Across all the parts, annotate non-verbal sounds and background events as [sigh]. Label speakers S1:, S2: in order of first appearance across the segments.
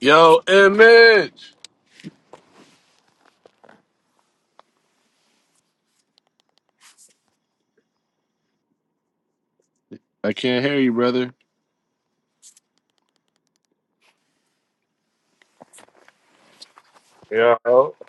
S1: Yo, image. I can't hear you, brother. Yeah, Yeah.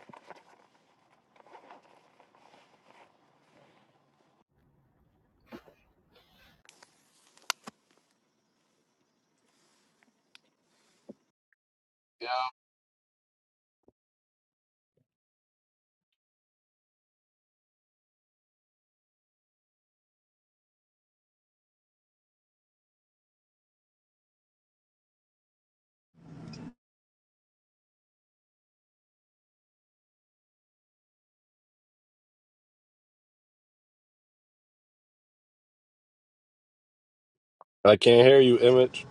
S1: I can't hear you, Image.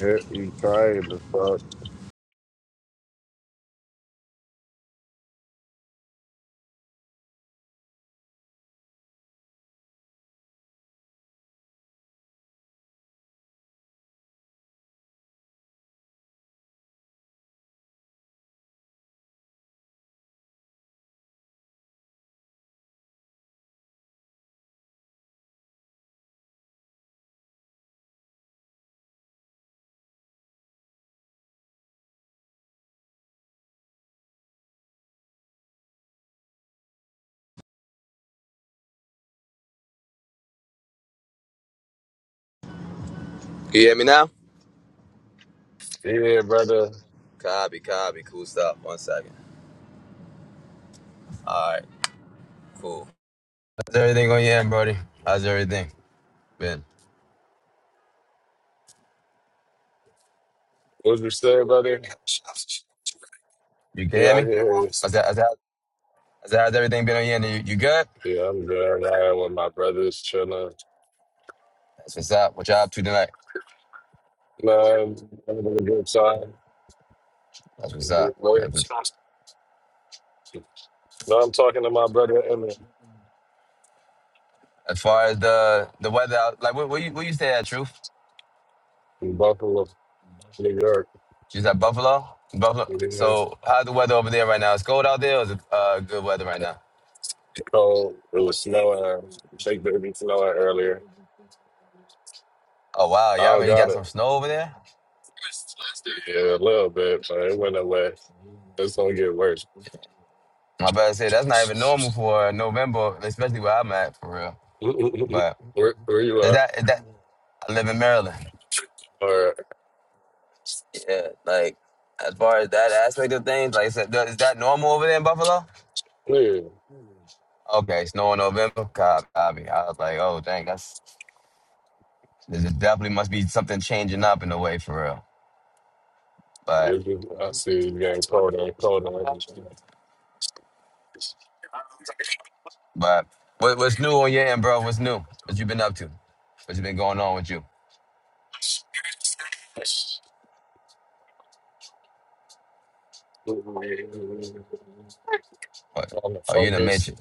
S1: Yeah, you trying to fuck.
S2: You hear me now?
S1: Yeah, brother.
S2: Copy, copy. Cool stuff. One second. All right, cool. How's everything going, yeah, Brody? How's everything been?
S1: What you say, brother?
S2: You can hear
S1: Yeah, I
S2: me?
S1: can hear you.
S2: How's that? How's that? How's, that, how's everything been on your end? You, you good?
S1: Yeah, I'm good. I'm with my brothers, chilling.
S2: That's what's up. What y'all up to tonight?
S1: Man, I'm having a good time.
S2: That's what's
S1: Good
S2: up.
S1: work.
S2: That's what's,
S1: No, I'm talking to my brother Emmett
S2: as far as the the weather, out- like where, where you where you stay at, Truth?
S1: in Buffalo, New York.
S2: You at Buffalo? Buffalo.
S1: It was
S2: So how's the weather over there right now? It's cold out there. Or is it uh, good weather right now?
S1: cold. It was snowing. Shake baby snowing earlier.
S2: Oh wow,
S1: I
S2: y'all
S1: don't
S2: already
S1: got
S2: got
S1: it.
S2: some snow over there.
S1: Yeah, a little bit, but it went away. It's gonna get worse.
S2: I better say that's not even normal for uh, November, especially where I'm at for real.
S1: [laughs]
S2: But
S1: where, where you
S2: is
S1: at?
S2: that is that I live in Maryland.
S1: All right.
S2: Yeah, like as far as that aspect of things, like I said, is that normal over there in Buffalo?
S1: Yeah.
S2: Okay, snow in November. Copy. copy. I was like, oh dang, that's this is definitely must be something changing up in a way for real. But
S1: It's just- I see it's getting colder and colder.
S2: but what, what's new on your end, bro? What's new? What you been up to? What's been going on with you? What?
S1: On the
S2: Oh, you're in the
S1: focus.
S2: matrix.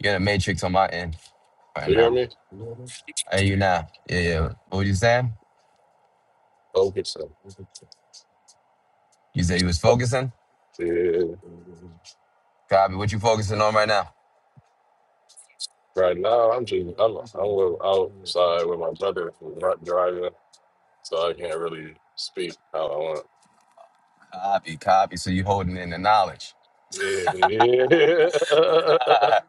S2: You're in the matrix on my end right
S1: You hear
S2: now.
S1: me?
S2: I hear you now. Yeah, yeah. What were you saying?
S1: Focus.
S2: You said you was
S1: Oh,
S2: focusing?
S1: Yeah.
S2: Copy. What you focusing on right now?
S1: Right now, I'm just I'm I'm a little outside with my brother who's not driving, so I can't really speak. how I want.
S2: Copy, copy. So you holding in the knowledge.
S1: [laughs] how
S2: [laughs] I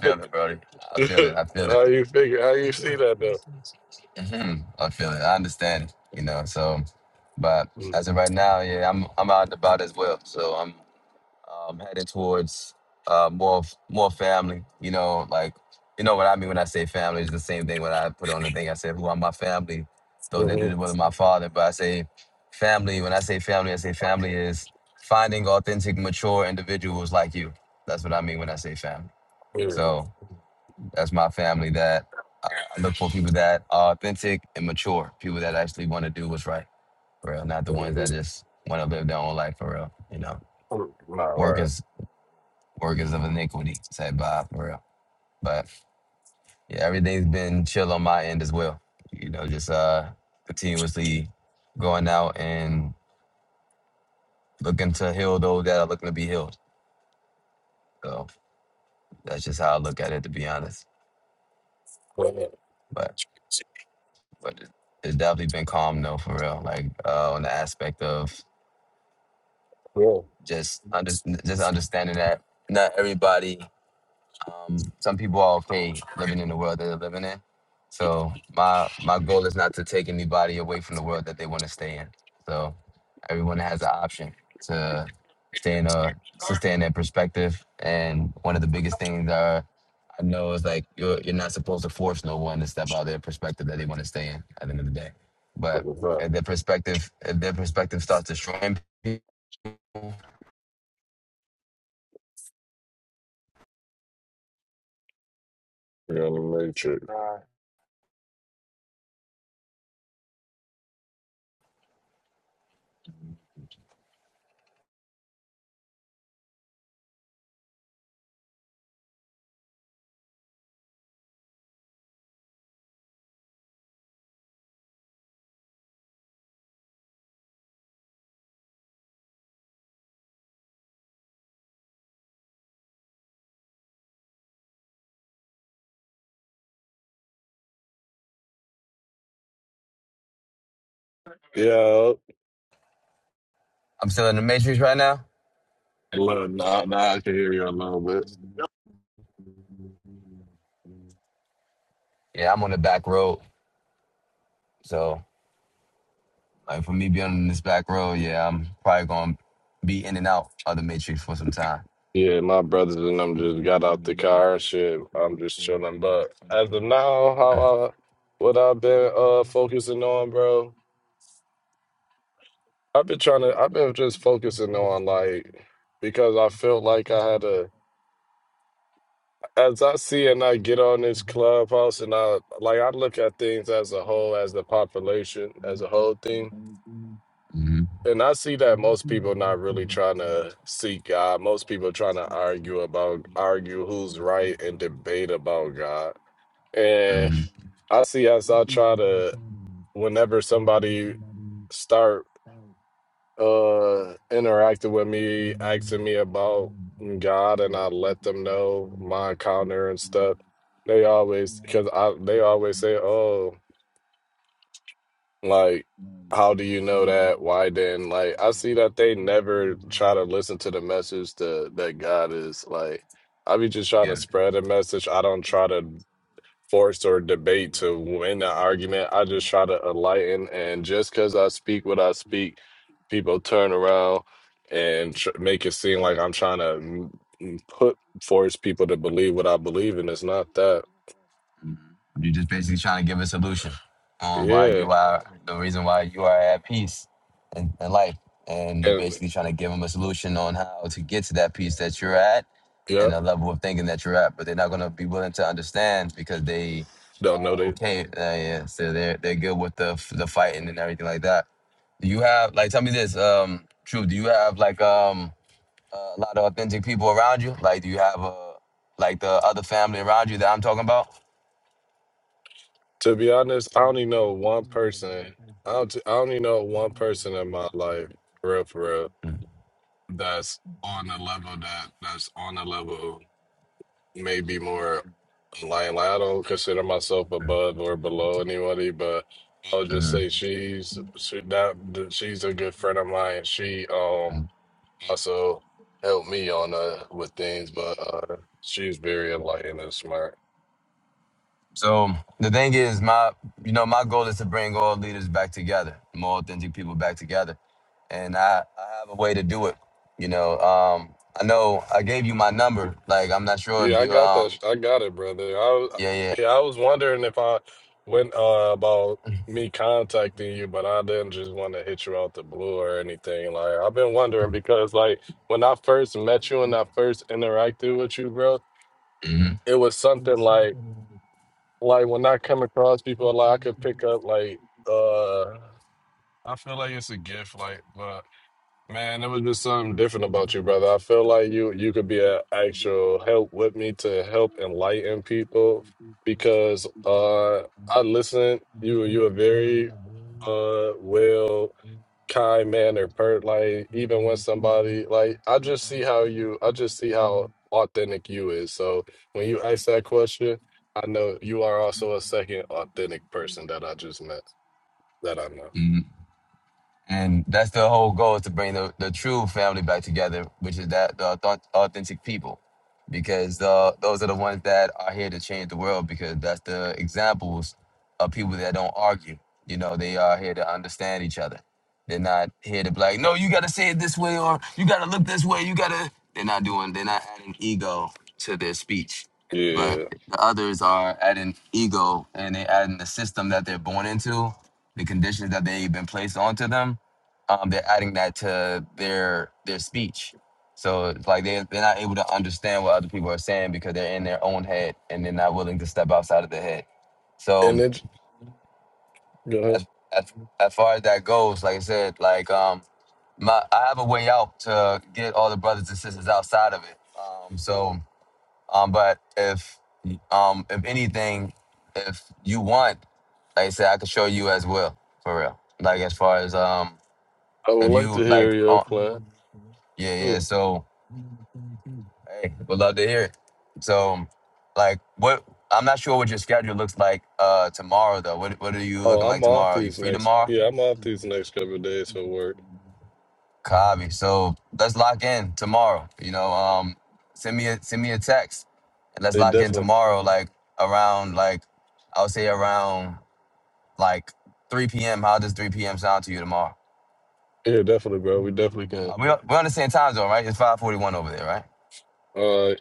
S2: feel it, Brody. I feel it. I feel it.
S1: you figure? How you see that though?
S2: hmm I feel it. I understand it. You know, so but as of right now, yeah, I'm I'm out and about as well. So I'm um, headed towards uh, more f- more family. You know, like you know what I mean when I say family is the same thing. When I put on the thing, I said, "Who are my family?" Those that
S1: Mm-hmm.
S2: do the will of my father. But I say family. When I say family, I say family is finding authentic, mature individuals like you. That's what I mean when I say family. So that's my family. That uh, I look for people that are authentic and mature. People that actually want to do what's right, for real. Not the ones that just want to live their own life, for real. You know,
S1: Not right.
S2: working workers of iniquity. Said Bob for real. But yeah, everything's been chill on my end as well. You know, just uh continuously going out and looking to heal those that are looking to be healed. So that's just how I look at it to be honest.
S1: Yeah.
S2: But but it- it's definitely been calm though for real. Like uh on the aspect of
S1: What
S2: just under, just understanding that not everybody Um, some people are okay living in the world that they're living in. So my my goal is not to take anybody away from the world that they want to stay in. So everyone has an option to stay in a to stay in their perspective. And one of the biggest things are I know is like you're you're not supposed to force no one to step out of their perspective that they want to stay in at the end of the day. But
S1: the fuck?
S2: if their perspective if their perspective starts destroying people, I'm
S1: You're on the matrix. Yeah.
S2: still in the matrix right now.
S1: Look, now, now I can hear you a little bit.
S2: Yeah, I'm on the back road. So Like for me being on this back road, yeah, I'm probably gonna be in and out of the matrix for some time.
S1: Yeah, my brothers and them just got out the car and shit. I'm just chilling. But as of now, how I, what I've been uh focusing on, bro, I've been trying to, I've been just focusing on like, because I felt like I had to, as I see and I get on this clubhouse and I, like, I look at things as a whole, as the population, as a whole thing.
S2: hmm
S1: And I see that most people not really trying to seek God. Most people trying to argue about, argue who's right and debate about God. And
S2: hmm
S1: I see as I try to, whenever somebody start uh interacted with me, asking me about God, and I let them know my encounter and stuff. They always because I they always say, "Oh, like how do you know that? Why then?" Like I see that they never try to listen to the message that that God is like. I be just trying to
S2: Yeah.
S1: spread a message. I don't try to force or debate to win the argument. I just try to enlighten, and just because I speak what I speak, people turn around and tr- make it seem like I'm trying to m- m- put force people to believe what I believe, and it's not that.
S2: You're just basically trying to give a solution on why
S1: Yeah,
S2: you are the reason why you are at peace in, in life, and you're
S1: and
S2: basically trying to give them a solution on how to get to that peace that you're at and
S1: yep,
S2: the level of thinking that you're at. But they're not gonna be willing to understand because they
S1: don't know
S2: are
S1: that.
S2: okay. Uh, yeah, so they're they're good with the the fighting and everything like that. Do you have like tell me this, um, True, do you have like um a lot of authentic people around you? Like do you have uh like the other family around you that I'm talking about?
S1: To be honest, I only know one person. I don't, I only know one person in my life, for real, for real,
S2: hmm
S1: that's on the level that that's on the level. may be more like, like I don't consider myself above or below anybody, but I'll just say she's she that she's a good friend of mine. She um also helped me on uh with things, but uh she's very enlightened and smart.
S2: So the thing is my you know, my goal is to bring all leaders back together, more authentic people back together. And I, I have a way to do it. You know, um I know I gave you my number. Like I'm not sure
S1: Yeah,
S2: if
S1: I
S2: you
S1: got that.
S2: um
S1: I got it, brother. I was,
S2: yeah,
S1: yeah, I was wondering if I went uh, about me contacting you, but I didn't just want to hit you out the blue or anything. Like I've been wondering because, like, when I first met you and I first interacted with you, bro, it was something like, like when I come across people, like I could pick up, like, uh, I feel like it's a gift, like, but. Man, it was just something different about you, brother. I feel like you you could be an actual help with me to help enlighten people because uh I listen. You you a very uh well kind mannered per like even when somebody like I just see how you I just see how authentic you is. So when you ask that question, I know you are also a second authentic person that I just met that I know.
S2: yeah. And that's the whole goal is to bring the, the true family back together, which is that the auth- authentic people, because uh, those are the ones that are here to change the world. Because that's the examples of people that don't argue. You know, they are here to understand each other. They're not here to be like, no, you got to say it this way, or you got to look this way. You got to. They're not doing. They're not adding ego to their speech, but
S1: Yeah.
S2: the others are adding ego and they adding the system that they're born into, the conditions that they've been placed onto them um, they're adding that to their their speech. So it's like they they're not able to understand what other people are saying because they're in their own head and they're not willing to step outside of the head.
S1: And
S2: So
S1: it go
S2: as as, as far as that goes, like I said, like um my I have a way out to get all the brothers and sisters outside of it. Um so um but if um if anything, if you want, like I said, I could show you as well for real. Like as far as um
S1: I would
S2: if
S1: like
S2: you
S1: to hear
S2: like,
S1: your
S2: uh,
S1: plan.
S2: yeah, yeah.
S1: too.
S2: So, hey, would love to hear it. So, like, what? I'm not sure what your schedule looks like uh tomorrow though. What What are you
S1: Oh,
S2: looking
S1: I'm
S2: like
S1: off
S2: tomorrow? You
S1: these
S2: free
S1: next.
S2: tomorrow?
S1: Yeah, I'm off these next couple of days for work.
S2: Copy. So let's lock in tomorrow. You know, um, send me a send me a text, and let's
S1: They
S2: lock in
S1: definitely.
S2: tomorrow. Like around like, I would say around like 3 p.m. How does 3 p.m. sound to you tomorrow?
S1: Yeah, definitely, bro. We definitely
S2: Uh,
S1: can.
S2: we we understand time zone, right? It's five forty one over there, right?
S1: Uh,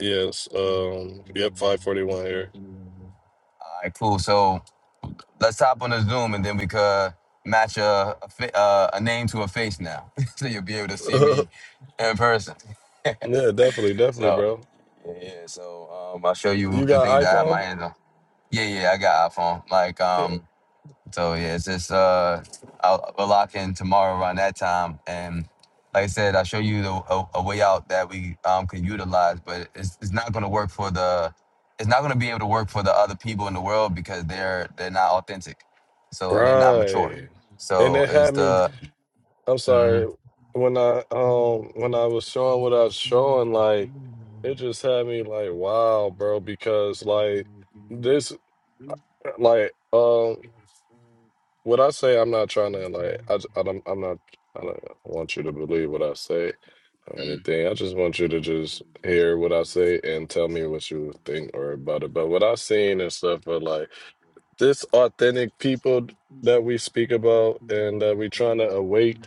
S1: yes. Um. Yep. Five forty one here.
S2: All right, cool. So let's hop on the Zoom, and then we could match a a, fa- uh, a name to a face now, [laughs] so you'll be able to
S1: [laughs]
S2: see me in person. [laughs]
S1: yeah, definitely, definitely,
S2: so
S1: bro.
S2: yeah, yeah. So um, I'll show you
S1: You
S2: the things
S1: got
S2: that I have my
S1: iPhone?
S2: hands on. Yeah, yeah. I got iPhone. Like
S1: Yeah.
S2: um. So yeah, it's just uh, I'll, we'll lock in tomorrow around that time, and like I said, I'll show you the, a, a way out that we um can utilize, but it's it's not going to work for the, it's not going to be able to work for the other people in the world because they're they're not authentic, so and they're not mature.
S1: Right. And
S2: So
S1: that
S2: it's
S1: had me.
S2: the,
S1: I'm sorry.
S2: mm
S1: When I um when I was showing what I was showing, like it just had me like, wow, bro, because like this like um What I say, I'm not trying to like. I, j- I don't. I'm not. I don't want you to believe what I say or anything. I just want you to just hear what I say and tell me what you think or about it. But what I've seen and stuff are like this authentic people that we speak about and that we trying to awake.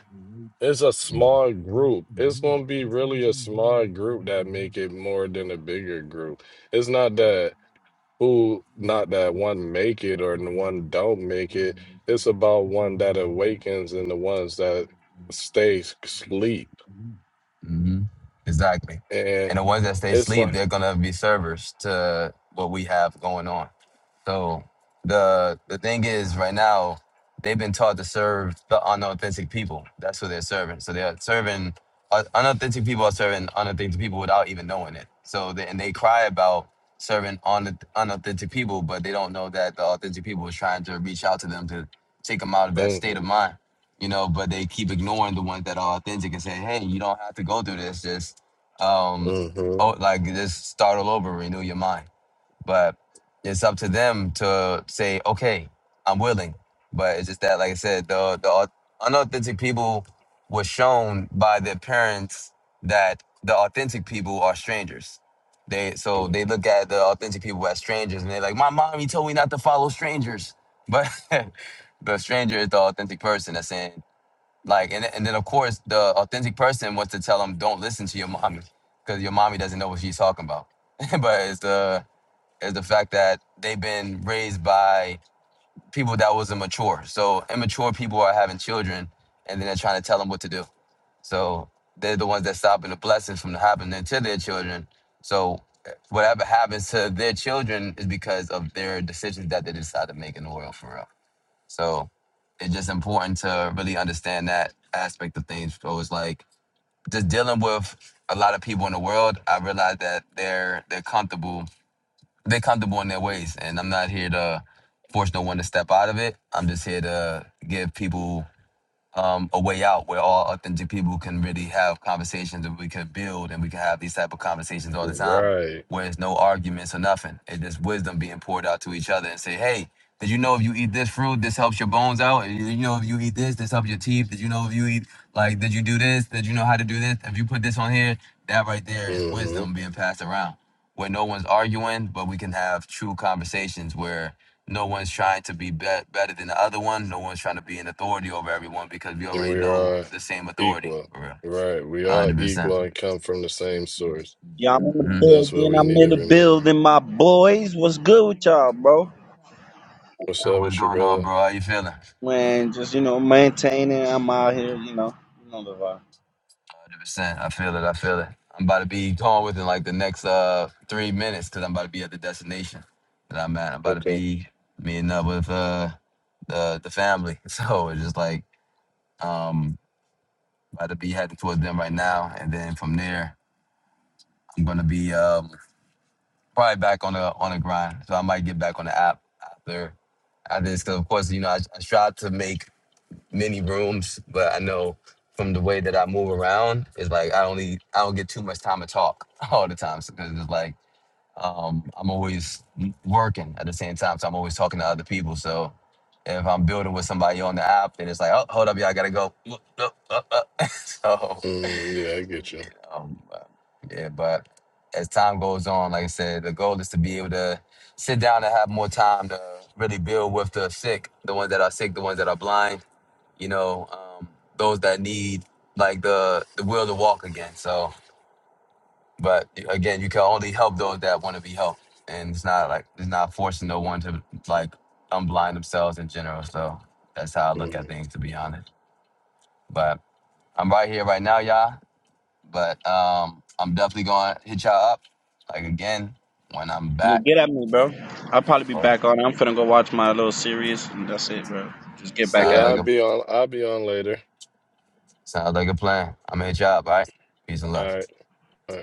S1: It's a
S2: mm
S1: small group. It's gonna be really a small group that make it more than a bigger group. It's not that who not that one make it or the one don't make it. It's about one that awakens and the ones that stay asleep.
S2: mm exactly,
S1: And
S2: and the ones that stay
S1: it's
S2: asleep,
S1: like,
S2: they're gonna be servers to what we have going on. So the the thing is, right now they've been taught to serve the unauthentic people. That's who they're serving. So they're serving uh, unauthentic people are serving unauthentic people without even knowing it. So they, and they cry about serving on unauthentic people, but they don't know that the authentic people is trying to reach out to them to take them out of that state of
S1: mm-hmm,
S2: mind. You know, but they keep ignoring the ones that are authentic and saying, "Hey, you don't have to go through this. Just, um,
S1: mm-hmm,
S2: oh, like just start all over, renew your mind." But it's up to them to say, okay, I'm willing. But it's just that, like I said, the the au- unauthentic people were shown by their parents that the authentic people are strangers. They so they look at the authentic people as strangers, and they're like, my mommy told me not to follow strangers, but [laughs] the stranger is the authentic person that's saying like, and and then of course the authentic person wants to tell them, don't listen to your mommy because your mommy doesn't know what she's talking about. [laughs] but it's the is the fact that they've been raised by people that was immature. So immature people are having children, and then they're trying to tell them what to do. So they're the ones that stopping the blessings from happening to their children. So whatever happens to their children is because of their decisions that they decide to make in the world for real. So it's just important to really understand that aspect of things. So it's like just dealing with a lot of people in the world. I realize that they're they're comfortable they are comfortable in their ways, and I'm not here to force no one to step out of it. I'm just here to give people um, a way out where all authentic people can really have conversations and we can build and we can have these type of conversations all the
S1: mm-hmm,
S2: time
S1: right,
S2: where it's no arguments or nothing. It's just wisdom being poured out to each other and say, hey, did you know if you eat this fruit, this helps your bones out? Did you know if you eat this, this helps your teeth? Did you know if you eat, like, did you do this? Did you know how to do this? If you put this on here, that right there is
S1: mm-hmm.
S2: wisdom being passed around where no one's arguing, but we can have true conversations where no one's trying to be, be better than the other one. No one's trying to be an authority over everyone because we
S1: And
S2: already
S1: we
S2: know
S1: are
S2: the same authority.
S1: equal,
S2: For real.
S1: right? We are
S2: 100%. percent
S1: equal and come from the same source.
S3: Y'all in the
S2: hmm
S1: That's what
S3: building.
S1: we
S3: I'm
S1: need
S3: in
S1: to
S3: the
S1: remember.
S3: building. My boys, what's good with y'all, bro?
S1: What's up
S2: What's
S1: with your
S2: going on,
S1: brother?
S2: bro? How you feeling?
S3: Man, just you know, maintaining. I'm out here, you know, you know the vibe.
S2: 100%. I feel it. I feel it. I'm about to be gone within like the next uh three minutes because I'm about to be at the destination that I'm at. I'm about to
S1: Okay.
S2: be meeting up with uh the the family. [laughs] So it's just like um about to be heading towards them right now, and then from there I'm gonna be um. probably back on the on the grind. So I might get back on the app after after this. Because of course, you know, I, I strive to make many rooms, but I know from the way that I move around, it's like I only I don't get too much time to talk [laughs] all the time. So 'cause it's like um, I'm always working at the same time, so I'm always talking to other people. So if I'm building with somebody on the app, then it's like, oh, hold up, y'all I gotta go. [laughs] so
S1: Mm, yeah, I get you.
S2: um, uh, yeah, but as time goes on, like I said, the goal is to be able to sit down and have more time to really build with the sick, the ones that are sick, the ones that are blind, you know, um, those that need like the the will to walk again. So, but again, you can only help those that want to be helped, and it's not like it's not forcing no one to like unblind themselves in general. So that's how I look at
S1: Mm.
S2: things, to be honest. But I'm right here right now, y'all. But um, I'm definitely gonna hit y'all up like again when I'm
S3: Yeah,
S2: back.
S3: get at me, bro. I'll probably be
S2: But
S3: back on. I'm finna go watch my little series, and that's it, bro. Just get back
S1: Yeah,
S2: sounds
S3: at
S2: like
S1: I'll
S3: me.
S2: a
S1: be on. I'll be on later.
S2: sounds like a plan. I'm gonna hit y'all up, all right? Peace and
S1: All
S2: love.
S1: right. All right.